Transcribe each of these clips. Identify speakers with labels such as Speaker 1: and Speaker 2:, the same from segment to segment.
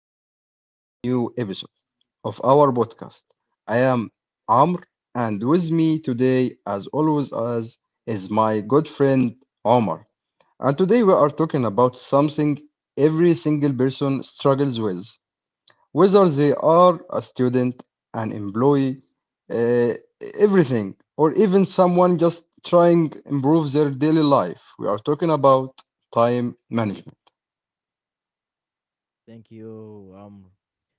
Speaker 1: to a brand new episode of our podcast. I am Amr, and with me today, as always, as is my good friend Omar. And today we are talking about something every single person struggles with, whether they are a student, an employee, uh, everything, or even someone just trying to improve their daily life. We are talking about time management.
Speaker 2: Thank you, Amr.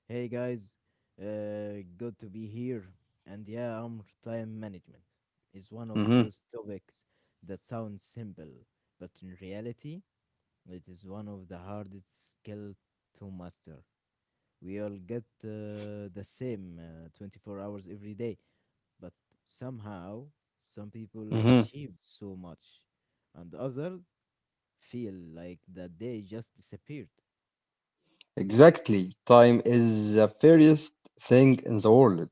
Speaker 2: Hey guys, good to be here. And yeah, Amr, time management is one of
Speaker 1: Mhm,
Speaker 2: those topics that sounds simple, but in reality, it is one of the hardest skills to master. We all get the same 24 hours every day, but somehow some people
Speaker 1: mhm.
Speaker 2: achieve so much, and others feel like that day just disappeared.
Speaker 1: Exactly. Time is the fairest thing in the world.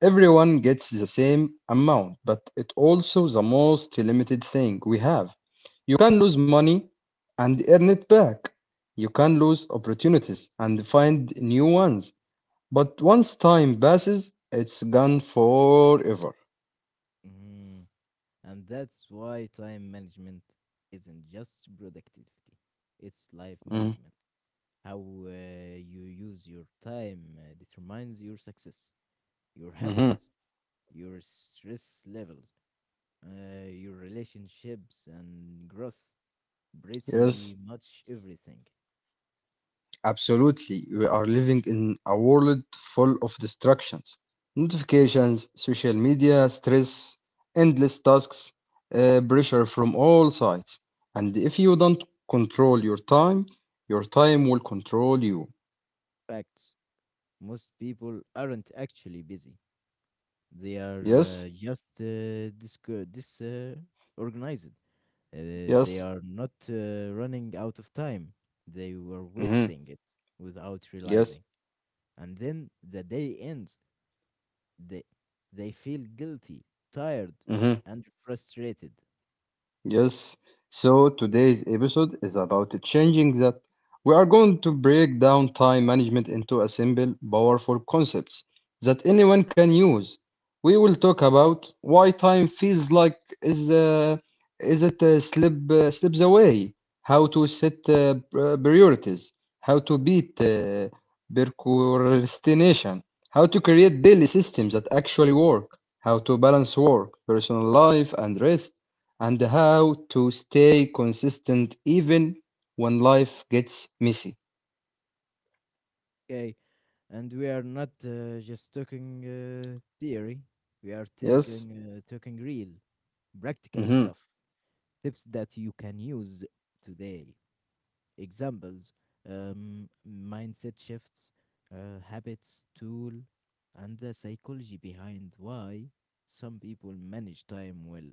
Speaker 1: Everyone gets the same amount, but it also the most limited thing we have. You can lose money and earn it back. You can lose opportunities and find new ones. But once time passes, it's gone forever.
Speaker 2: Mm-hmm. And that's why time management isn't just productivity, it's life
Speaker 1: Mm,
Speaker 2: management. How you use your time determines your success, your
Speaker 1: mhm.
Speaker 2: happiness, your stress levels, your relationships, and growth. Pretty
Speaker 1: Yes.
Speaker 2: much everything.
Speaker 1: Absolutely, we are living in a world full of distractions, notifications, social media, stress, endless tasks, pressure from all sides. And if you don't control your time will control you.
Speaker 2: Facts, most people aren't actually busy, they
Speaker 1: Yes,
Speaker 2: are just organized. They
Speaker 1: yes,
Speaker 2: are not running out of time. They were
Speaker 1: mhm,
Speaker 2: wasting it without
Speaker 1: yes.
Speaker 2: realizing. And then the day ends. They, they feel guilty, tired,
Speaker 1: Mhm.
Speaker 2: and frustrated.
Speaker 1: Yes, so today's episode is about changing that. We are going to break down time management into a simple, powerful concepts that anyone can use. We will talk about why time feels like is uh, is it slip slips away, how to set priorities, how to beat procrastination, how to create daily systems that actually work, how to balance work, personal life, and rest and how to stay consistent even when life gets messy.
Speaker 2: Okay, and we are not just talking theory. We are talking
Speaker 1: Yes.
Speaker 2: uh, talking real, practical
Speaker 1: Hmm,
Speaker 2: stuff. Tips that you can use today. Examples, mindset shifts, habits, tool, and the psychology behind why some people manage time well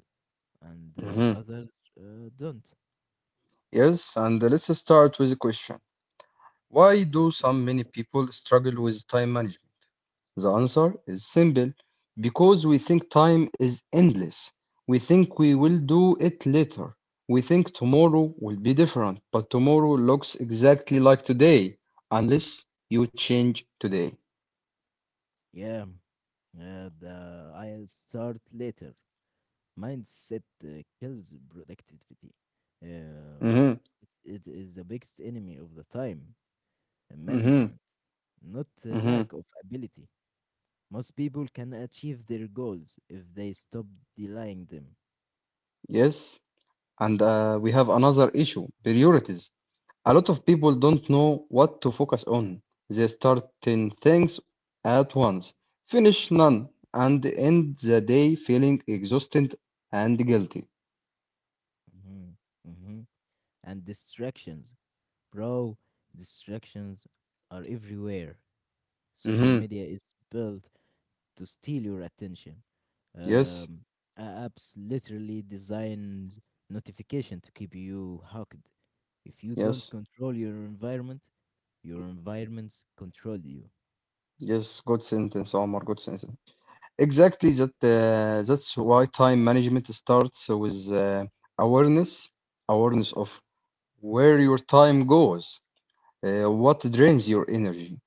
Speaker 2: and
Speaker 1: hmm.
Speaker 2: others don't.
Speaker 1: Yes. And let's start with a question. Why do so many people struggle with time management? The answer is simple because we think time is endless. We think we will do it later. We think tomorrow will be different, but tomorrow looks exactly like today unless you change today.
Speaker 2: Yeah, the I'll start later mindset kills productivity. Um,
Speaker 1: Hmm,
Speaker 2: it is the biggest enemy of the time
Speaker 1: hmm,
Speaker 2: management, not the
Speaker 1: hmm.
Speaker 2: lack of ability. Most people can achieve their goals if they stop delaying them.
Speaker 1: Yes. And we have another issue priorities. A lot of people don't know what to focus on. They start 10 things at once, finish none, and end the day feeling exhausted and guilty.
Speaker 2: Mhm, mhm. And distractions, bro, distractions are everywhere. Social
Speaker 1: Hmm.
Speaker 2: media is built to steal your attention.
Speaker 1: Yes,
Speaker 2: Um, apps literally design notification to keep you hooked. If you don't
Speaker 1: yes,
Speaker 2: control your environment, your environments control you.
Speaker 1: yes. Good sentence, Omar. Good sentence. Exactly that. That's why time management starts with awareness, awareness of where your time goes. What drains your energy,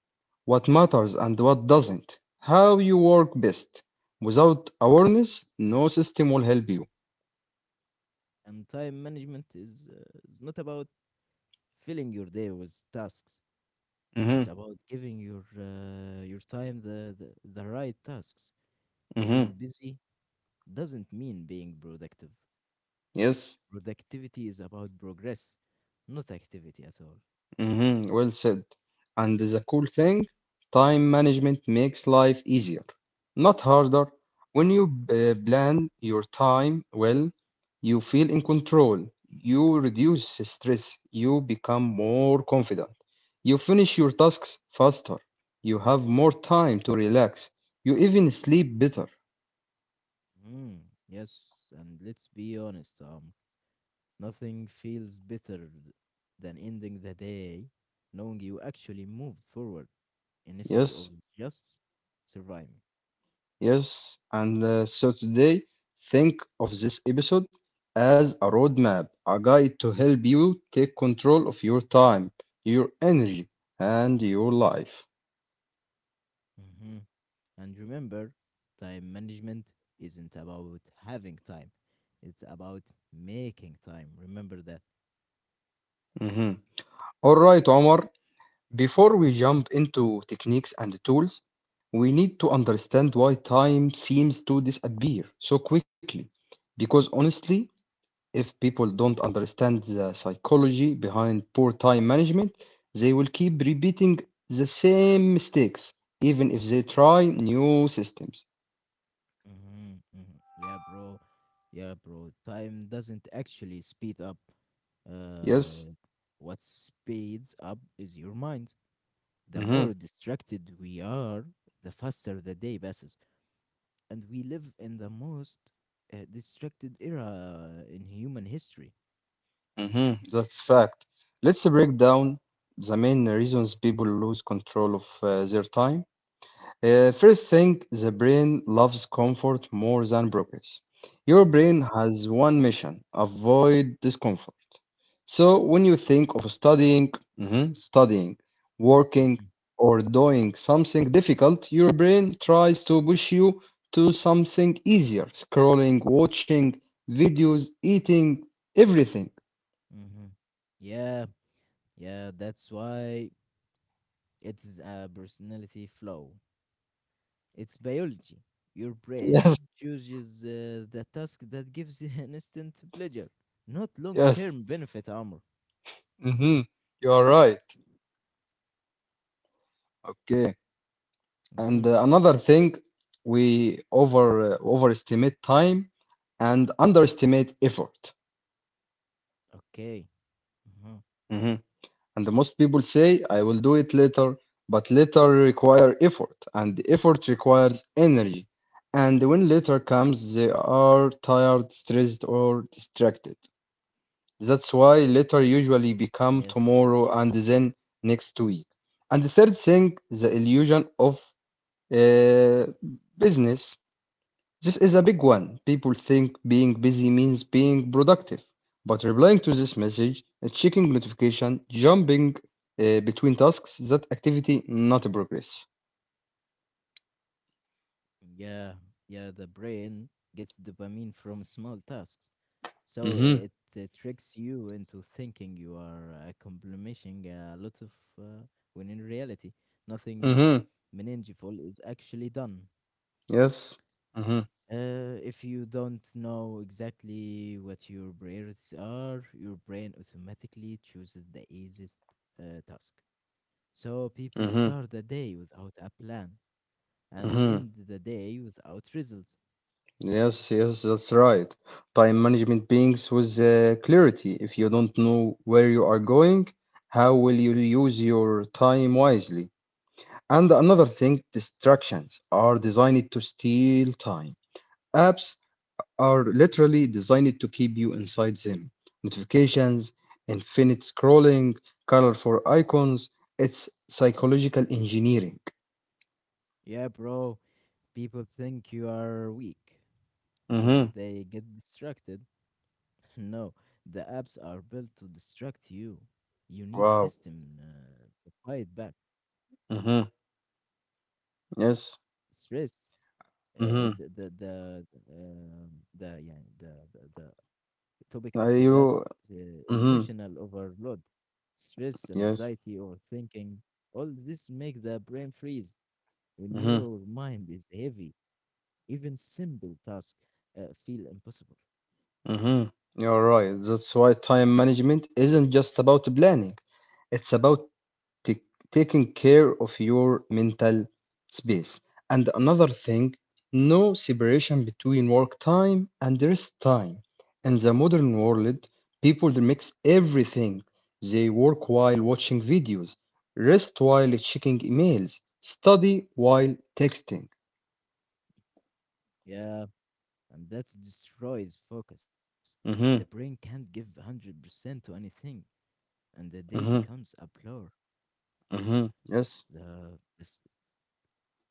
Speaker 1: what matters and what doesn't, how you work best. Without awareness, no system will help you.
Speaker 2: And time management is not about filling your day with tasks. It's
Speaker 1: Mhm,
Speaker 2: about giving your time the right tasks. Being
Speaker 1: mhm.
Speaker 2: busy doesn't mean being productive.
Speaker 1: Yes.
Speaker 2: Productivity is about progress, not activity at all.
Speaker 1: Mhm. Well said. And the cool thing, time management makes life easier, not harder. When you plan your time well, you feel in control, you reduce stress, you become more confident, you finish your tasks faster, you have more time to relax, you even sleep better.
Speaker 2: Mm, yes, and let's be honest, nothing feels better than ending the day knowing you actually moved forward instead of
Speaker 1: Yes.
Speaker 2: just surviving.
Speaker 1: Yes, and so today, think of this episode as a roadmap, a guide to help you take control of your time, your energy, and your life.
Speaker 2: Mhm. And remember, time management isn't about having time, it's about making time. Remember that.
Speaker 1: Mhm. All right, Omar, before we jump into techniques and tools, we need to understand why time seems to disappear so quickly. Because honestly, if people don't understand the psychology behind poor time management, they will keep repeating the same mistakes, even if they try new systems.
Speaker 2: hmm hmm Yeah, bro. Yeah, bro. Time doesn't actually speed up.
Speaker 1: Yes,
Speaker 2: Uh, what speeds up is your mind. The more
Speaker 1: hmm,
Speaker 2: distracted we are, the faster the day passes. And we live in the most distracted era in human history.
Speaker 1: hmm, that's fact. Let's break down the main reasons people lose control of their time. First thing, the brain loves comfort more than progress. Your
Speaker 2: Mm-hmm.
Speaker 1: brain has one mission avoid discomfort. So, when you think of studying, mhm, studying, working,
Speaker 2: Mm-hmm.
Speaker 1: or doing something difficult, your brain tries to push you to something easier scrolling, watching videos, eating, everything.
Speaker 2: Mm-hmm. Yeah, Yeah, that's why it is a personality flaw. It's biology. Your
Speaker 1: Yes,
Speaker 2: brain chooses the task that gives an instant pleasure, not long
Speaker 1: yes,
Speaker 2: term benefit, Armor.
Speaker 1: mhm, you are right. Okay. And
Speaker 2: Mm-hmm.
Speaker 1: another thing, we overestimate time and underestimate effort.
Speaker 2: Okay. Mm-hmm.
Speaker 1: Mhm. And the most people say, I will do it later, but later require effort, and the effort requires energy. And when later comes, they are tired, stressed, or distracted. That's why later usually become
Speaker 2: Yes.
Speaker 1: tomorrow and then next week. And the third thing, the illusion of uh, business. This is a big one. People think being busy means being productive, but replying to this message, checking notification, jumping between tasks, that activity not progress.
Speaker 2: Yeah. Yeah, the brain gets dopamine from small tasks. So
Speaker 1: Mhm.
Speaker 2: it, uh tricks you into thinking you are accomplishing a lot of, uh, when in reality, nothing
Speaker 1: Mhm.
Speaker 2: meaningful is actually done.
Speaker 1: Yes. Mhm.
Speaker 2: If you don't know exactly what your priorities are, your brain automatically chooses the easiest task. So people
Speaker 1: Mhm.
Speaker 2: start the day without a plan and
Speaker 1: Mhm.
Speaker 2: end the day without results.
Speaker 1: Yes, yes, that's right. Time management beings with clarity. If you don't know where you are going, how will you use your time wisely? And another thing, distractions are designed to steal time. Apps are literally designed to keep you inside them. Notifications, infinite scrolling, colorful icons, it's psychological engineering.
Speaker 2: Yeah, bro, people think you are weak
Speaker 1: Mm-hmm.
Speaker 2: because they get distracted. No, the apps are built to distract you. You need
Speaker 1: Wow.
Speaker 2: system to fight back.
Speaker 1: Mm-hmm. Yes.
Speaker 2: Stress, uh,
Speaker 1: Mm-hmm.
Speaker 2: the the the um, the yeah the topic
Speaker 1: Are
Speaker 2: after that,
Speaker 1: you.
Speaker 2: the
Speaker 1: Hmm.
Speaker 2: emotional overload, stress and
Speaker 1: Yes.
Speaker 2: anxiety or thinking, all this make the brain freeze. When
Speaker 1: Mm-hmm.
Speaker 2: your mind is heavy, even simple tasks feel impossible.
Speaker 1: Mm-hmm. You're right. That's why time management isn't just about planning, it's about take, taking care of your mental space. And another thing, no separation between work time and rest time. In the modern world, people mix everything. They work while watching videos, rest while checking emails, study while texting.
Speaker 2: Yeah, and that destroys focus. The
Speaker 1: Mm-hmm,
Speaker 2: brain can't give 100% to anything, and the day
Speaker 1: mm-hmm,
Speaker 2: becomes a blur.
Speaker 1: mm-hmm. Yes,
Speaker 2: The this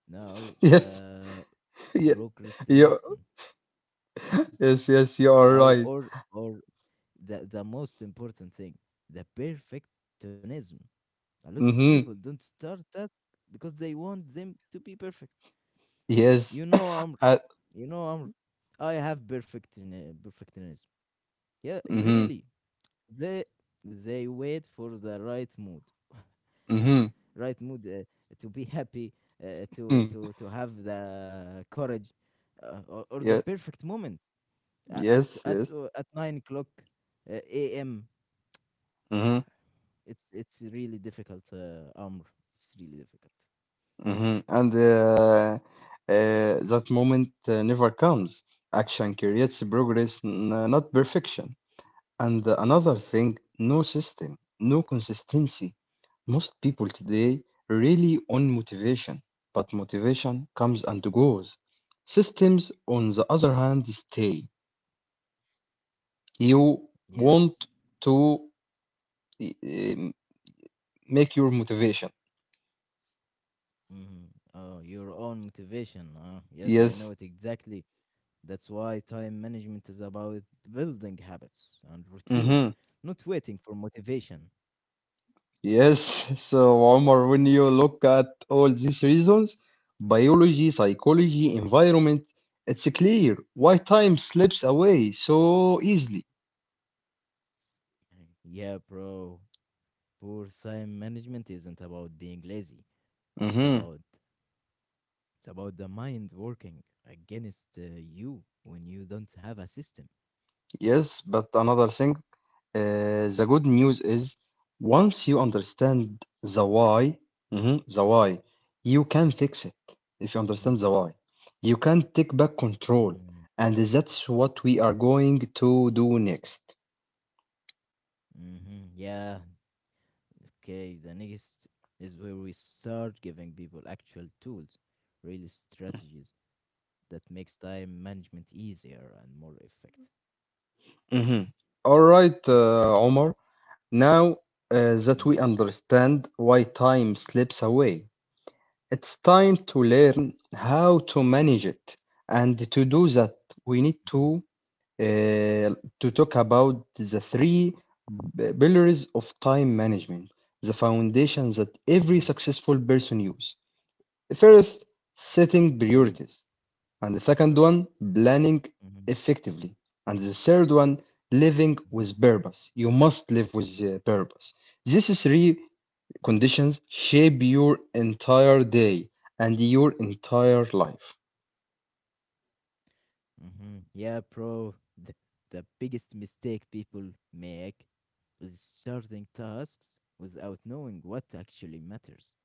Speaker 2: now
Speaker 1: yes,
Speaker 2: the
Speaker 1: yeah, yeah.
Speaker 2: Procrastination,
Speaker 1: Yes, yes, you are right.
Speaker 2: or the most important thing, the perfectionism. A lot of people
Speaker 1: Mm-hmm.
Speaker 2: don't start tasks because they want them to be perfect.
Speaker 1: Yes.
Speaker 2: you know i'm
Speaker 1: Uh,
Speaker 2: you know i'm I have perfectionism, yeah,
Speaker 1: mm-hmm.
Speaker 2: really. they they wait for the right mood,
Speaker 1: Mm-hmm.
Speaker 2: right mood, to be happy, uh, to
Speaker 1: Mm.
Speaker 2: to to have the courage, or the
Speaker 1: Yes,
Speaker 2: perfect moment, at
Speaker 1: yes,
Speaker 2: at
Speaker 1: yes.
Speaker 2: uh, at 9 o'clock a.m. Yeah,
Speaker 1: Hmm,
Speaker 2: it's really difficult, Amr. It's really difficult.
Speaker 1: hmm. And that moment never comes. Action creates progress, not perfection. And another thing, no system, no consistency. Most people today rely on motivation, but motivation comes and goes. Systems, on the other hand, stay. You
Speaker 2: Yes.
Speaker 1: want to uh, make your motivation.
Speaker 2: hmm Oh, your own motivation. Yes, I
Speaker 1: Yes.
Speaker 2: know it exactly. That's why time management is about building habits and routine,
Speaker 1: Hmm.
Speaker 2: not waiting for motivation.
Speaker 1: Yes, so Omar, when you look at all these reasons, biology, psychology, environment, it's clear why time slips away so easily.
Speaker 2: Mm. Yeah, bro. Poor time management isn't about being lazy. It's
Speaker 1: Hmm.
Speaker 2: about it's about the mind working against you when you don't have a system.
Speaker 1: Yes, but another thing, the good news is once you understand the why, mhm, the why, you can fix it. If you understand the why, you can take back control,
Speaker 2: Mm,
Speaker 1: and that's what we are going to do next.
Speaker 2: mhm. Yeah, okay. The next is where we start giving people actual tools, real strategies that makes time management easier and more effective.
Speaker 1: Mhm. All right,
Speaker 2: Okay.
Speaker 1: Omar. Now that
Speaker 2: Mm,
Speaker 1: we understand why time slips away, it's time to learn how to manage it. And to do that, we need
Speaker 2: mhm,
Speaker 1: uh, to talk about the three pillars of time management, the foundations that every
Speaker 2: mm,
Speaker 1: successful person use. First, setting
Speaker 2: okay.
Speaker 1: priorities and the second one planning
Speaker 2: Mhm,
Speaker 1: effectively and the third one living
Speaker 2: mhm,
Speaker 1: with purpose you must live with purpose. These three
Speaker 2: mm,
Speaker 1: conditions shape your entire day and your entire life.
Speaker 2: mhm. Yeah, bro. The biggest mistake people make is starting tasks without knowing what actually matters.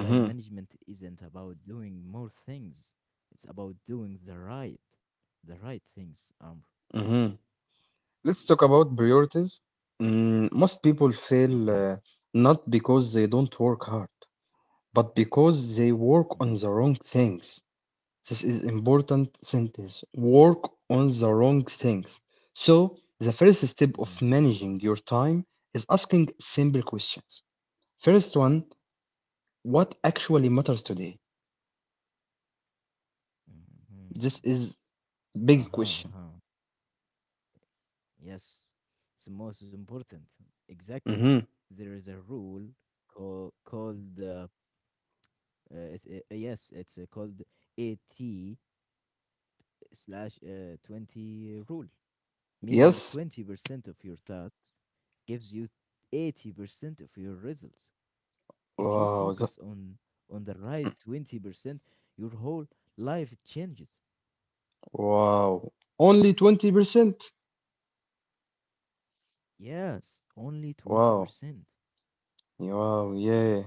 Speaker 2: Time management isn't about doing more things. It's about doing the right things.
Speaker 1: hmm. Let's talk about priorities. Mm, most people fail
Speaker 2: Okay.
Speaker 1: uh, not because they don't work hard but because they work on
Speaker 2: Mm,
Speaker 1: the wrong things. This is important sentence. Work on the wrong things. So, the first step of
Speaker 2: mm,
Speaker 1: managing your time is asking simple questions. First one, what actually matters today?
Speaker 2: mhm.
Speaker 1: This is big
Speaker 2: Uh-huh,
Speaker 1: question.
Speaker 2: uh-huh. Yes. It's the most important. Exactly.
Speaker 1: Mhm.
Speaker 2: There is a rule called called it, yes, it's called AT slash 20 rule, meaning
Speaker 1: Yes.
Speaker 2: 20% of your tasks gives you 80% of your results. If you
Speaker 1: Wow.
Speaker 2: focus on the right 20%, your whole life changes.
Speaker 1: Wow. Only 20%.
Speaker 2: Yes, only
Speaker 1: Wow.
Speaker 2: 20%.
Speaker 1: Yeah, wow, yeah.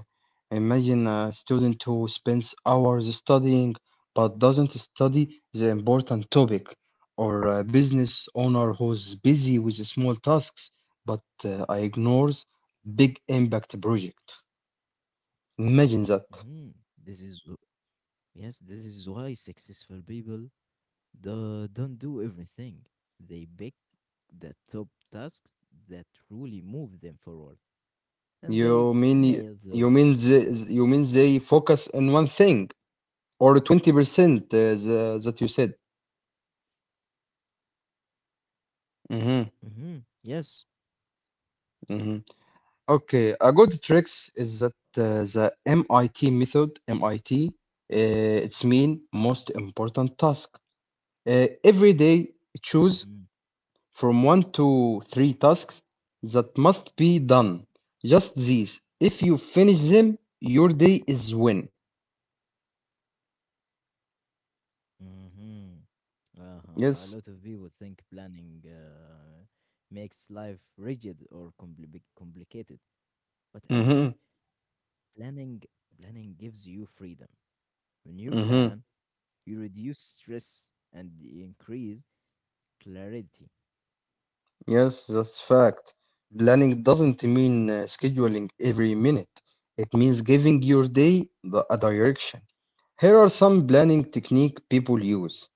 Speaker 1: Imagine a student who spends hours studying but doesn't study the important topic, or a business owner who's busy with small tasks but ignores big impact project. Imagine that.
Speaker 2: Mhm. Yes, this is why successful people don't do everything. They pick the top tasks that truly move them forward, and they
Speaker 1: You mean
Speaker 2: nail
Speaker 1: you
Speaker 2: those.
Speaker 1: mean they, you mean they focus on one thing or 20% that you said. Hmm,
Speaker 2: Mhm, yes.
Speaker 1: hmm. Okay, a good tricks is that the MIT method, MIT, it's mean most important task. Every day choose
Speaker 2: hmm
Speaker 1: from one to three tasks that must be done. Just these. If you finish them, your day is win.
Speaker 2: hmm Uh-huh. A
Speaker 1: Yes.
Speaker 2: lot of people think planning makes life rigid or complicated, but actually,
Speaker 1: Mm-hmm.
Speaker 2: planning planning gives you freedom. When you
Speaker 1: Mm-hmm.
Speaker 2: plan, you reduce stress and increase clarity.
Speaker 1: Yes, that's fact. Planning doesn't mean scheduling every minute. It means giving your day a direction. Here are some planning technique people use.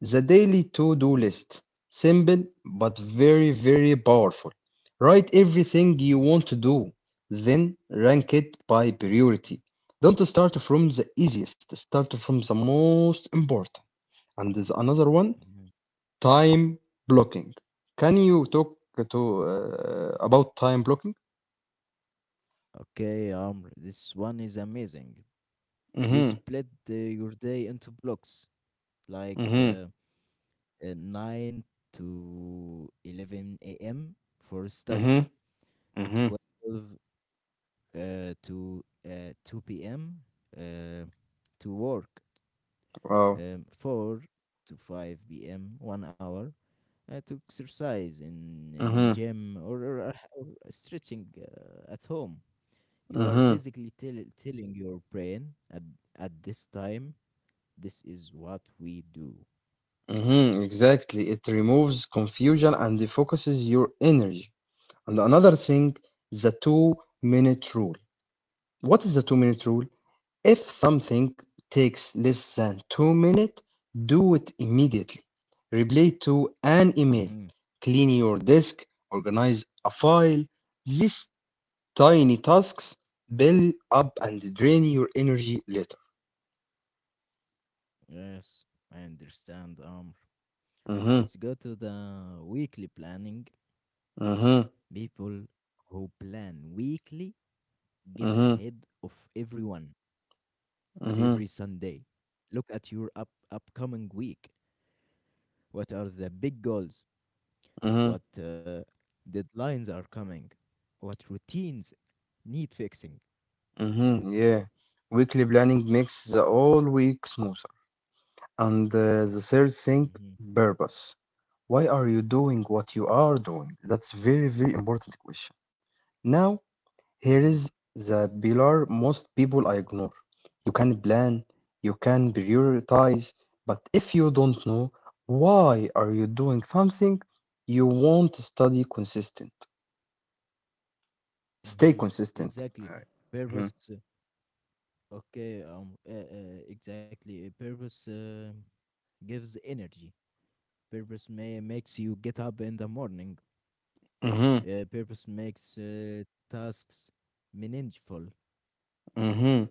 Speaker 1: The daily to-do
Speaker 2: Mm,
Speaker 1: list. Simple but very very powerful. Write everything you
Speaker 2: mhm,
Speaker 1: want to do, then rank it by priority. Don't start from the easiest, start from the most important. And there's another one,
Speaker 2: mhm.
Speaker 1: time blocking. Can you talk to about time blocking?
Speaker 2: Okay, Amr, this one is amazing. You
Speaker 1: Mm-hmm.
Speaker 2: split your day into blocks, like
Speaker 1: Mm-hmm.
Speaker 2: 9 to 11 a.m. for study.
Speaker 1: Mm-hmm. Mm-hmm.
Speaker 2: 12 to 2 p.m. Uh, to work.
Speaker 1: Wow.
Speaker 2: 4 to 5 p.m., 1 hour to exercise in
Speaker 1: Mm-hmm.
Speaker 2: gym, or stretching at home. You are
Speaker 1: Mm-hmm.
Speaker 2: basically telling your brain at this time, this is what we do.
Speaker 1: Hmm, exactly. It removes confusion and focuses your energy. And another thing, the two-minute rule. What is the two-minute rule? If something takes less than 2 minutes, do it immediately. Reply to an email,
Speaker 2: Mm-hmm.
Speaker 1: clean your desk, organize a file. These tiny tasks build up and drain your energy later.
Speaker 2: Yes, I understand.
Speaker 1: Mm-hmm,
Speaker 2: Let's go to the weekly planning.
Speaker 1: mm-hmm,
Speaker 2: People who plan weekly get
Speaker 1: mm-hmm,
Speaker 2: ahead of everyone
Speaker 1: mm-hmm,
Speaker 2: every Sunday. Look at your upcoming week. What are the big goals?
Speaker 1: mm-hmm,
Speaker 2: What deadlines are coming? What routines need fixing?
Speaker 1: hmm, yeah. Weekly planning makes the whole week smooth. And the third thing,
Speaker 2: Mm-hmm,
Speaker 1: purpose. Why are you doing what you are doing? That's very, very important question. Now, here
Speaker 2: mm-hmm,
Speaker 1: is the pillar most people ignore. You can plan, you can prioritize, but if you don't know why are you doing something, you won't study consistent. Stay
Speaker 2: mm-hmm.
Speaker 1: consistent.
Speaker 2: Exactly.
Speaker 1: Mhm.
Speaker 2: Purpose. Okay. Exactly. Purpose gives energy. Purpose may makes you get up in the morning.
Speaker 1: Mhm.
Speaker 2: Purpose makes tasks meaningful.
Speaker 1: Mhm.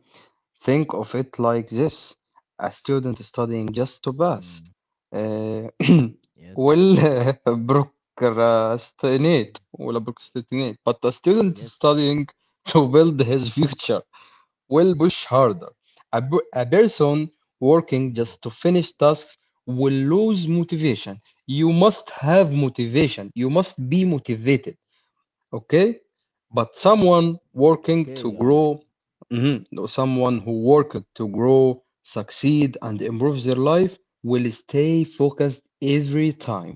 Speaker 1: Think of it like this: a student studying just to pass
Speaker 2: Mm,
Speaker 1: uh,
Speaker 2: yes.
Speaker 1: will procrastinate will procrastinate, but a student
Speaker 2: Yes.
Speaker 1: studying to build his future will push harder. A person working
Speaker 2: hmm
Speaker 1: just to finish tasks will lose motivation. You must have motivation. You must be motivated, okay, but
Speaker 2: hmm
Speaker 1: someone working to
Speaker 2: Okay.
Speaker 1: grow. Mhm. No, someone who worked to grow succeed and improve their life will stay focused every time.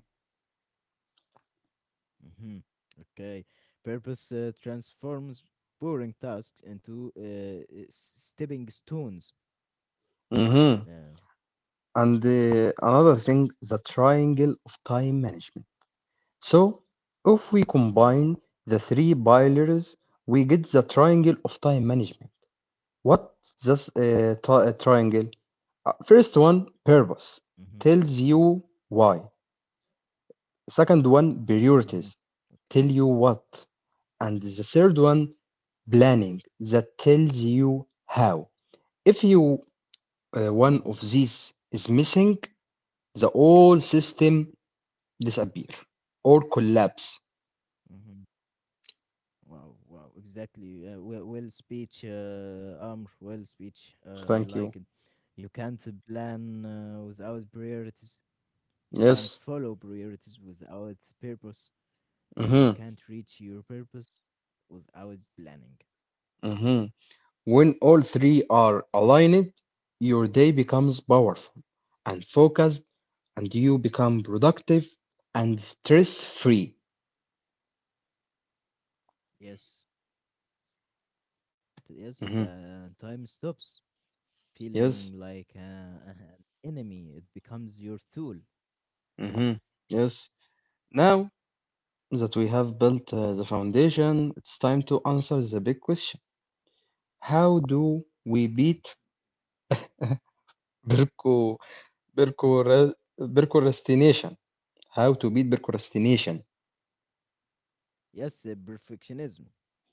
Speaker 2: hmm Okay. Purpose transforms boring tasks into stepping stones.
Speaker 1: Hmm.
Speaker 2: Yeah.
Speaker 1: And another thing, the triangle of time management. So if we
Speaker 2: Mm-hmm.
Speaker 1: combine the three pillars we get the triangle of time management. What's this triangle? First one, purpose, tells you why. The second one,
Speaker 2: hmm
Speaker 1: priorities, tell
Speaker 2: Okay.
Speaker 1: you what. And the third one, planning, that tells you how. If you one
Speaker 2: hmm
Speaker 1: of these is missing, the whole system disappear or collapse.
Speaker 2: hmm Wow. Wow. Exactly. Well, well speech. Amr. Well speech. I
Speaker 1: Thank you.
Speaker 2: like it. You can't plan without priorities. You can't
Speaker 1: Yes.
Speaker 2: follow priorities without purpose, and you
Speaker 1: Mm-hmm.
Speaker 2: can't reach your purpose without planning.
Speaker 1: Mm-hmm. When all three are aligned, your day becomes powerful and focused, and you become productive and stress free.
Speaker 2: Yes, yes, the time stops feeling
Speaker 1: Yes.
Speaker 2: like an enemy. It becomes your tool.
Speaker 1: Hmm. Yes. Now that we have built the foundation, it's time to answer the big question. How do we
Speaker 2: Okay.
Speaker 1: beat Berko Berko perco- procrastination? How to beat procrastination?
Speaker 2: Yes, perfectionism.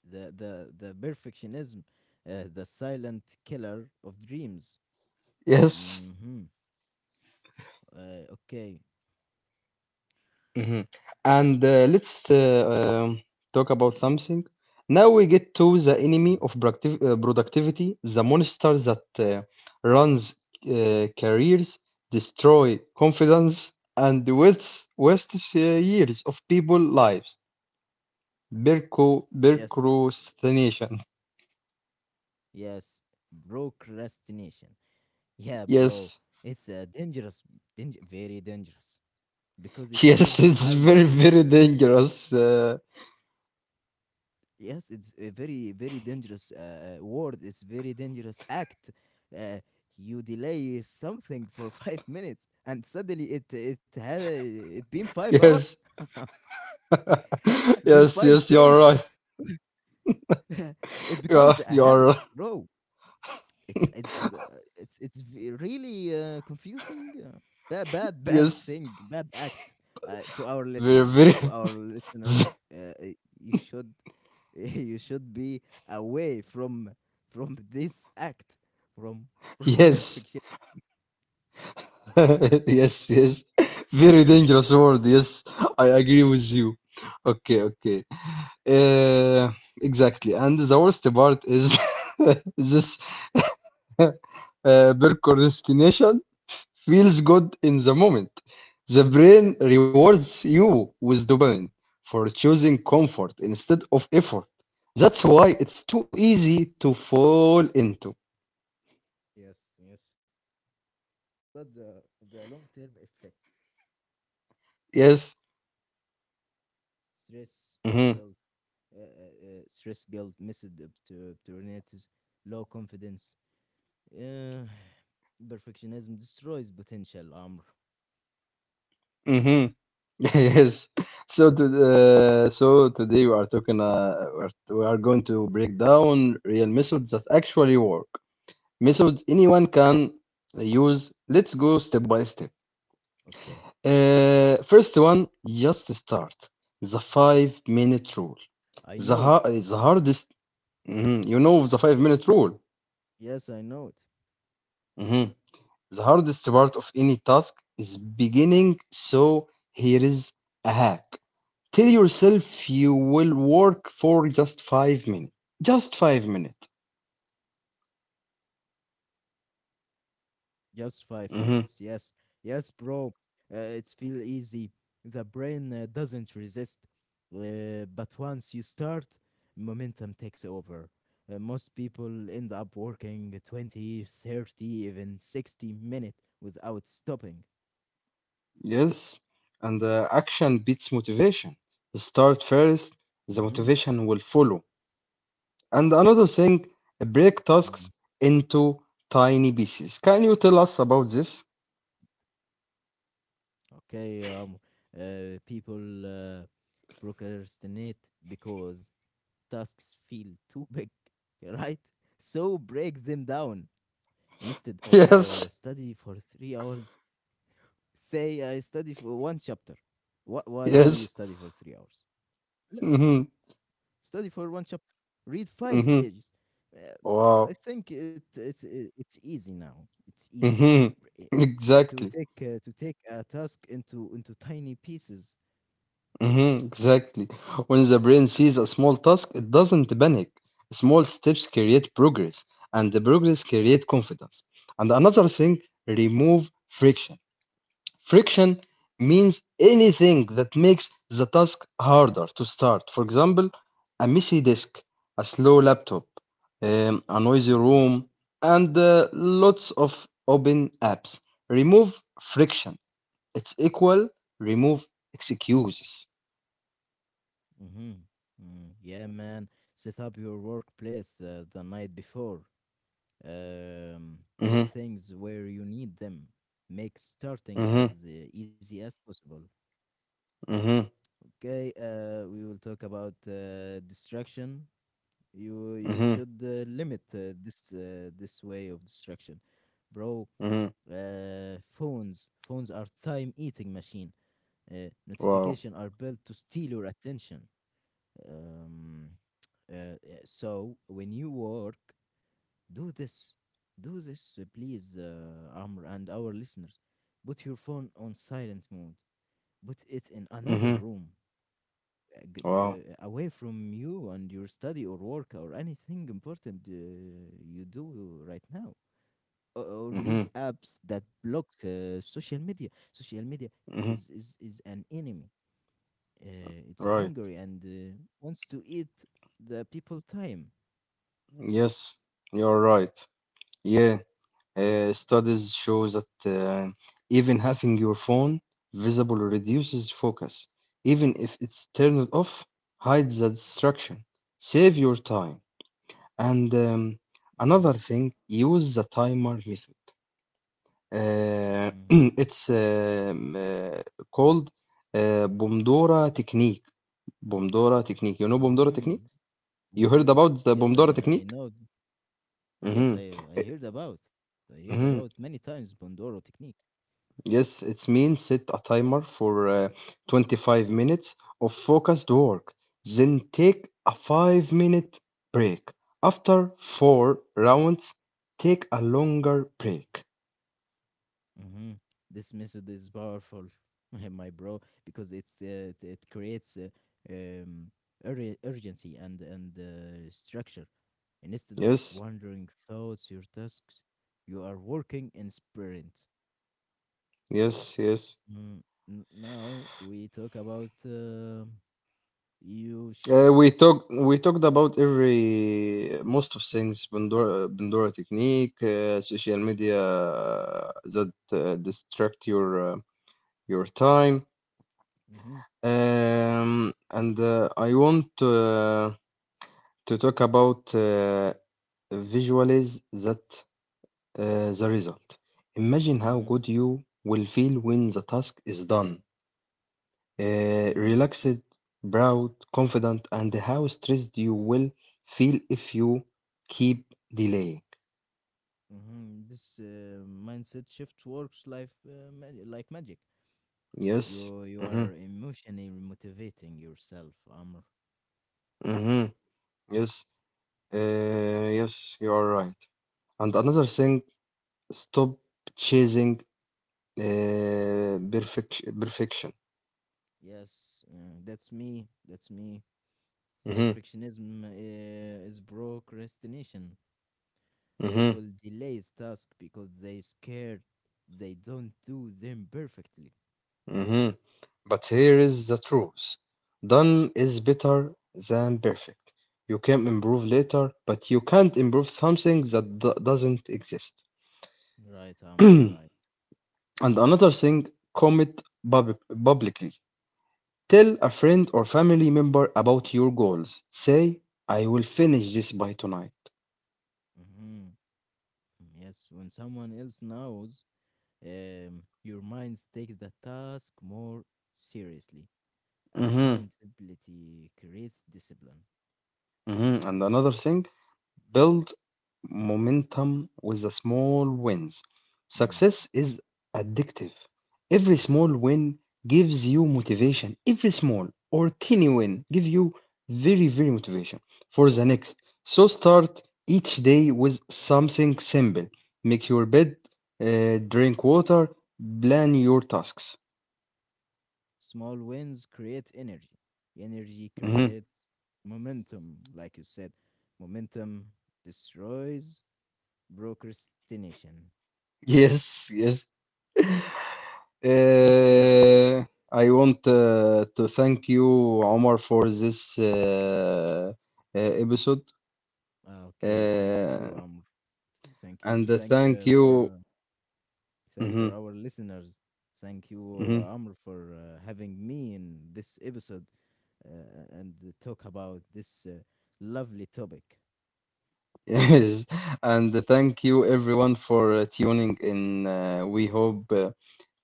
Speaker 2: The Perfectionism, the silent killer of dreams.
Speaker 1: Yes.
Speaker 2: Mm-hmm. Okay.
Speaker 1: Mhm. And let's talk about something. Now we get to the enemy
Speaker 2: Mhm.
Speaker 1: of productivity, the monster that runs careers, destroy confidence, and wastes years of people lives. Berco,
Speaker 2: Yes,
Speaker 1: procrastination.
Speaker 2: yes. Procrastination. Yeah, bro.
Speaker 1: Yes,
Speaker 2: It's very dangerous because it feels
Speaker 1: yes, it's very,
Speaker 2: harmless.
Speaker 1: very dangerous.
Speaker 2: Yes, it's a very, very dangerous word. It's very dangerous act. Uh, you delay something for 5 minutes, and suddenly it had it been five
Speaker 1: Yes,
Speaker 2: hours, then
Speaker 1: yes, yes,
Speaker 2: five
Speaker 1: you're right.
Speaker 2: days. It
Speaker 1: Yeah,
Speaker 2: becomes a
Speaker 1: you're right.
Speaker 2: habit, bro. It's b- it's v- Really confusing. Bad
Speaker 1: Yes,
Speaker 2: thing. Bad act.
Speaker 1: very, very.
Speaker 2: To our listeners, you should you should be away from this act from from
Speaker 1: Yes,
Speaker 2: perfection.
Speaker 1: yes, yes. Very dangerous word. Yes, I agree with you. Okay, okay. Uh, exactly. And the worst part is this uh, procrastination feels good in the moment. The brain rewards you with dopamine for choosing comfort instead of effort. That's why it's too easy to fall into.
Speaker 2: Yes, yes, but the long term effect,
Speaker 1: Yes.
Speaker 2: stress,
Speaker 1: Mm-hmm.
Speaker 2: guilt, missed opportunities, low confidence. uh, Perfectionism destroys potential, Amr.
Speaker 1: Mm-hmm. Yes. So today we are talking we are going to break down real methods that actually work. Methods anyone can use. Let's go step by step.
Speaker 2: Okay.
Speaker 1: First one, just start. The 5-minute rule.
Speaker 2: I
Speaker 1: The
Speaker 2: know it
Speaker 1: ha- the hardest. Mhm, you know the 5-minute rule.
Speaker 2: Yes, I know it.
Speaker 1: Mhm. The hardest part of any task is beginning. So here is a hack. Tell yourself you will work for just 5 minutes. Just 5 minutes.
Speaker 2: Just five
Speaker 1: Hmm.
Speaker 2: minutes. Yes, yes, bro. It's feel easy. The brain doesn't resist, but once you start, momentum takes over. Most people end up working 20, 30, even 60 minutes without stopping.
Speaker 1: Yes. And action beats motivation. Start first, the
Speaker 2: Mm-hmm.
Speaker 1: motivation will follow. And another thing, break
Speaker 2: Mm.
Speaker 1: tasks into tiny pieces. Can you tell us about this?
Speaker 2: Okay, people procrastinate because tasks feel too big, right? So break them down. Instead of
Speaker 1: Yes.
Speaker 2: study for 3 hours, say I study for one chapter. Why do you
Speaker 1: Yes.
Speaker 2: study for 3 hours? No,
Speaker 1: Hmm.
Speaker 2: study for one chapter. Read five
Speaker 1: Hmm.
Speaker 2: pages. Uh, I
Speaker 1: Wow.
Speaker 2: think it's easy now. It's easy.
Speaker 1: Hmm.
Speaker 2: Br- eh, eh, to
Speaker 1: Exactly.
Speaker 2: take uh, to take a task into tiny pieces.
Speaker 1: Mhm, exactly. When the brain sees a small task, it doesn't panic. Small steps create progress, and the progress create confidence. And another thing,
Speaker 2: Yes.
Speaker 1: remove friction. Friction means anything that makes the task harder to start. For example, a messy desk, a slow laptop, a noisy
Speaker 2: Mm-hmm.
Speaker 1: room, and lots of open apps. Remove friction. It's equal remove excuses.
Speaker 2: Mm-hmm. Mm. Yeah, man. Set up your workplace the night before. um, Put
Speaker 1: Mm-hmm.
Speaker 2: things where you need them. Make starting as
Speaker 1: Mhm,
Speaker 2: easy as possible.
Speaker 1: mhm,
Speaker 2: Okay, we will talk about distraction. You
Speaker 1: mhm,
Speaker 2: should limit this way of distraction, bro.
Speaker 1: mhm.
Speaker 2: Phones are time eating machine.
Speaker 1: Wow.
Speaker 2: Notification are built to steal your attention. Um, uh, uh, so when you work, do this. Do this, please, Amr, and our listeners. Put your phone on silent mode. Put it in another
Speaker 1: Mhm.
Speaker 2: room,
Speaker 1: Wow.
Speaker 2: away from you and your study or work or anything important you do right now. Or use
Speaker 1: Mhm.
Speaker 2: apps that block social media. Social media is,
Speaker 1: Mhm.
Speaker 2: is, is an enemy. It's
Speaker 1: Right.
Speaker 2: hungry and wants to eat the people time.
Speaker 1: Yes, you're right. Yeah. Studies show that even having your phone visible reduces focus, even if it's turned off, hides the distraction. Save your time. And another
Speaker 2: Mm-hmm.
Speaker 1: thing, use the timer method. Uh,
Speaker 2: Mm-hmm.
Speaker 1: it's called Pomodoro technique. Bomdora technique. You know Bomdora
Speaker 2: Mm-hmm.
Speaker 1: technique? You heard
Speaker 2: Pomodoro.
Speaker 1: about the
Speaker 2: Yes,
Speaker 1: Bomdora
Speaker 2: I
Speaker 1: technique?
Speaker 2: know. Yes,
Speaker 1: Mm-hmm.
Speaker 2: I heard about. I heard about many
Speaker 1: Mm-hmm.
Speaker 2: times Pomodoro technique.
Speaker 1: Yes, it means set a timer for 25 minutes of focused work, then take a 5-minute break. After 4 rounds, take a longer break.
Speaker 2: Mm-hmm. This method is powerful, my bro, because it creates um urgency and structure. And instead of
Speaker 1: Yes,
Speaker 2: wandering thoughts your tasks, you are working in sprint.
Speaker 1: yes, yes.
Speaker 2: Mm, now we talk about you
Speaker 1: Uh,
Speaker 2: should.
Speaker 1: we talked we talked about every most of things Pandora technique, social media that distract uh, your time,
Speaker 2: Mm-hmm,
Speaker 1: and I want to talk about visualize that the result. Imagine how
Speaker 2: mm-hmm,
Speaker 1: good you will feel when the task is done.
Speaker 2: mm.
Speaker 1: Relaxed, proud, confident, and how stressed you will feel if you keep delaying.
Speaker 2: Mhm. This mindset shift works life like magic.
Speaker 1: Yes.
Speaker 2: You
Speaker 1: Mm-hmm.
Speaker 2: are emotionally motivating yourself, Amr.
Speaker 1: Mm-hmm. Yes. Yes, you are right. And another thing, stop chasing perfection. Perfection.
Speaker 2: Yes, that's me. That's me.
Speaker 1: Mm-hmm.
Speaker 2: Perfectionism is procrastination.
Speaker 1: Mm-hmm.
Speaker 2: People delays task because they scared they don't do them perfectly.
Speaker 1: Mm-hmm. But here is the truth. Done is better than perfect. You can improve later, but you can't improve something that doesn't exist.
Speaker 2: Right, Amr.
Speaker 1: And
Speaker 2: Right.
Speaker 1: another thing, commit publicly. Tell a friend or family member about your goals. Say, I will finish this by tonight.
Speaker 2: Mm-hmm. Yes, when someone else knows, your minds take the task more seriously.
Speaker 1: Hmm.
Speaker 2: Accountability creates discipline.
Speaker 1: Hmm. And another thing, build momentum with the small wins.
Speaker 2: Mm,
Speaker 1: Success is addictive. Every
Speaker 2: mm.
Speaker 1: small win gives you motivation. Every small or tiny win give you very, very motivation for the next. So start each day with something simple. Make your bed, drink water, plan your tasks.
Speaker 2: Small wins create energy. Energy
Speaker 1: Mhm.
Speaker 2: creates momentum, like you said. Momentum destroys procrastination.
Speaker 1: Yes, yes.
Speaker 2: Okay.
Speaker 1: Uh, I want to thank you, Omar, for this episode.
Speaker 2: Ah, okay. Thank
Speaker 1: Uh,
Speaker 2: you. Thank
Speaker 1: and
Speaker 2: you.
Speaker 1: thank you.
Speaker 2: Thank
Speaker 1: Mhm,
Speaker 2: for our listeners. Thank you,
Speaker 1: mhm.
Speaker 2: Amr, for having me in this episode and talk about this lovely topic.
Speaker 1: Yes, and thank you everyone for tuning in. We hope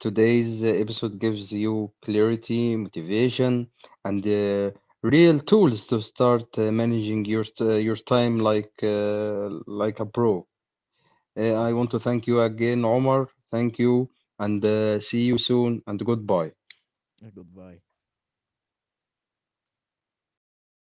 Speaker 1: today's episode gives you clarity, motivation, and real tools to start managing your time like like a pro. I want
Speaker 2: hmm
Speaker 1: to thank you again, Omar. Thank you, and see you soon. And goodbye.
Speaker 2: Goodbye.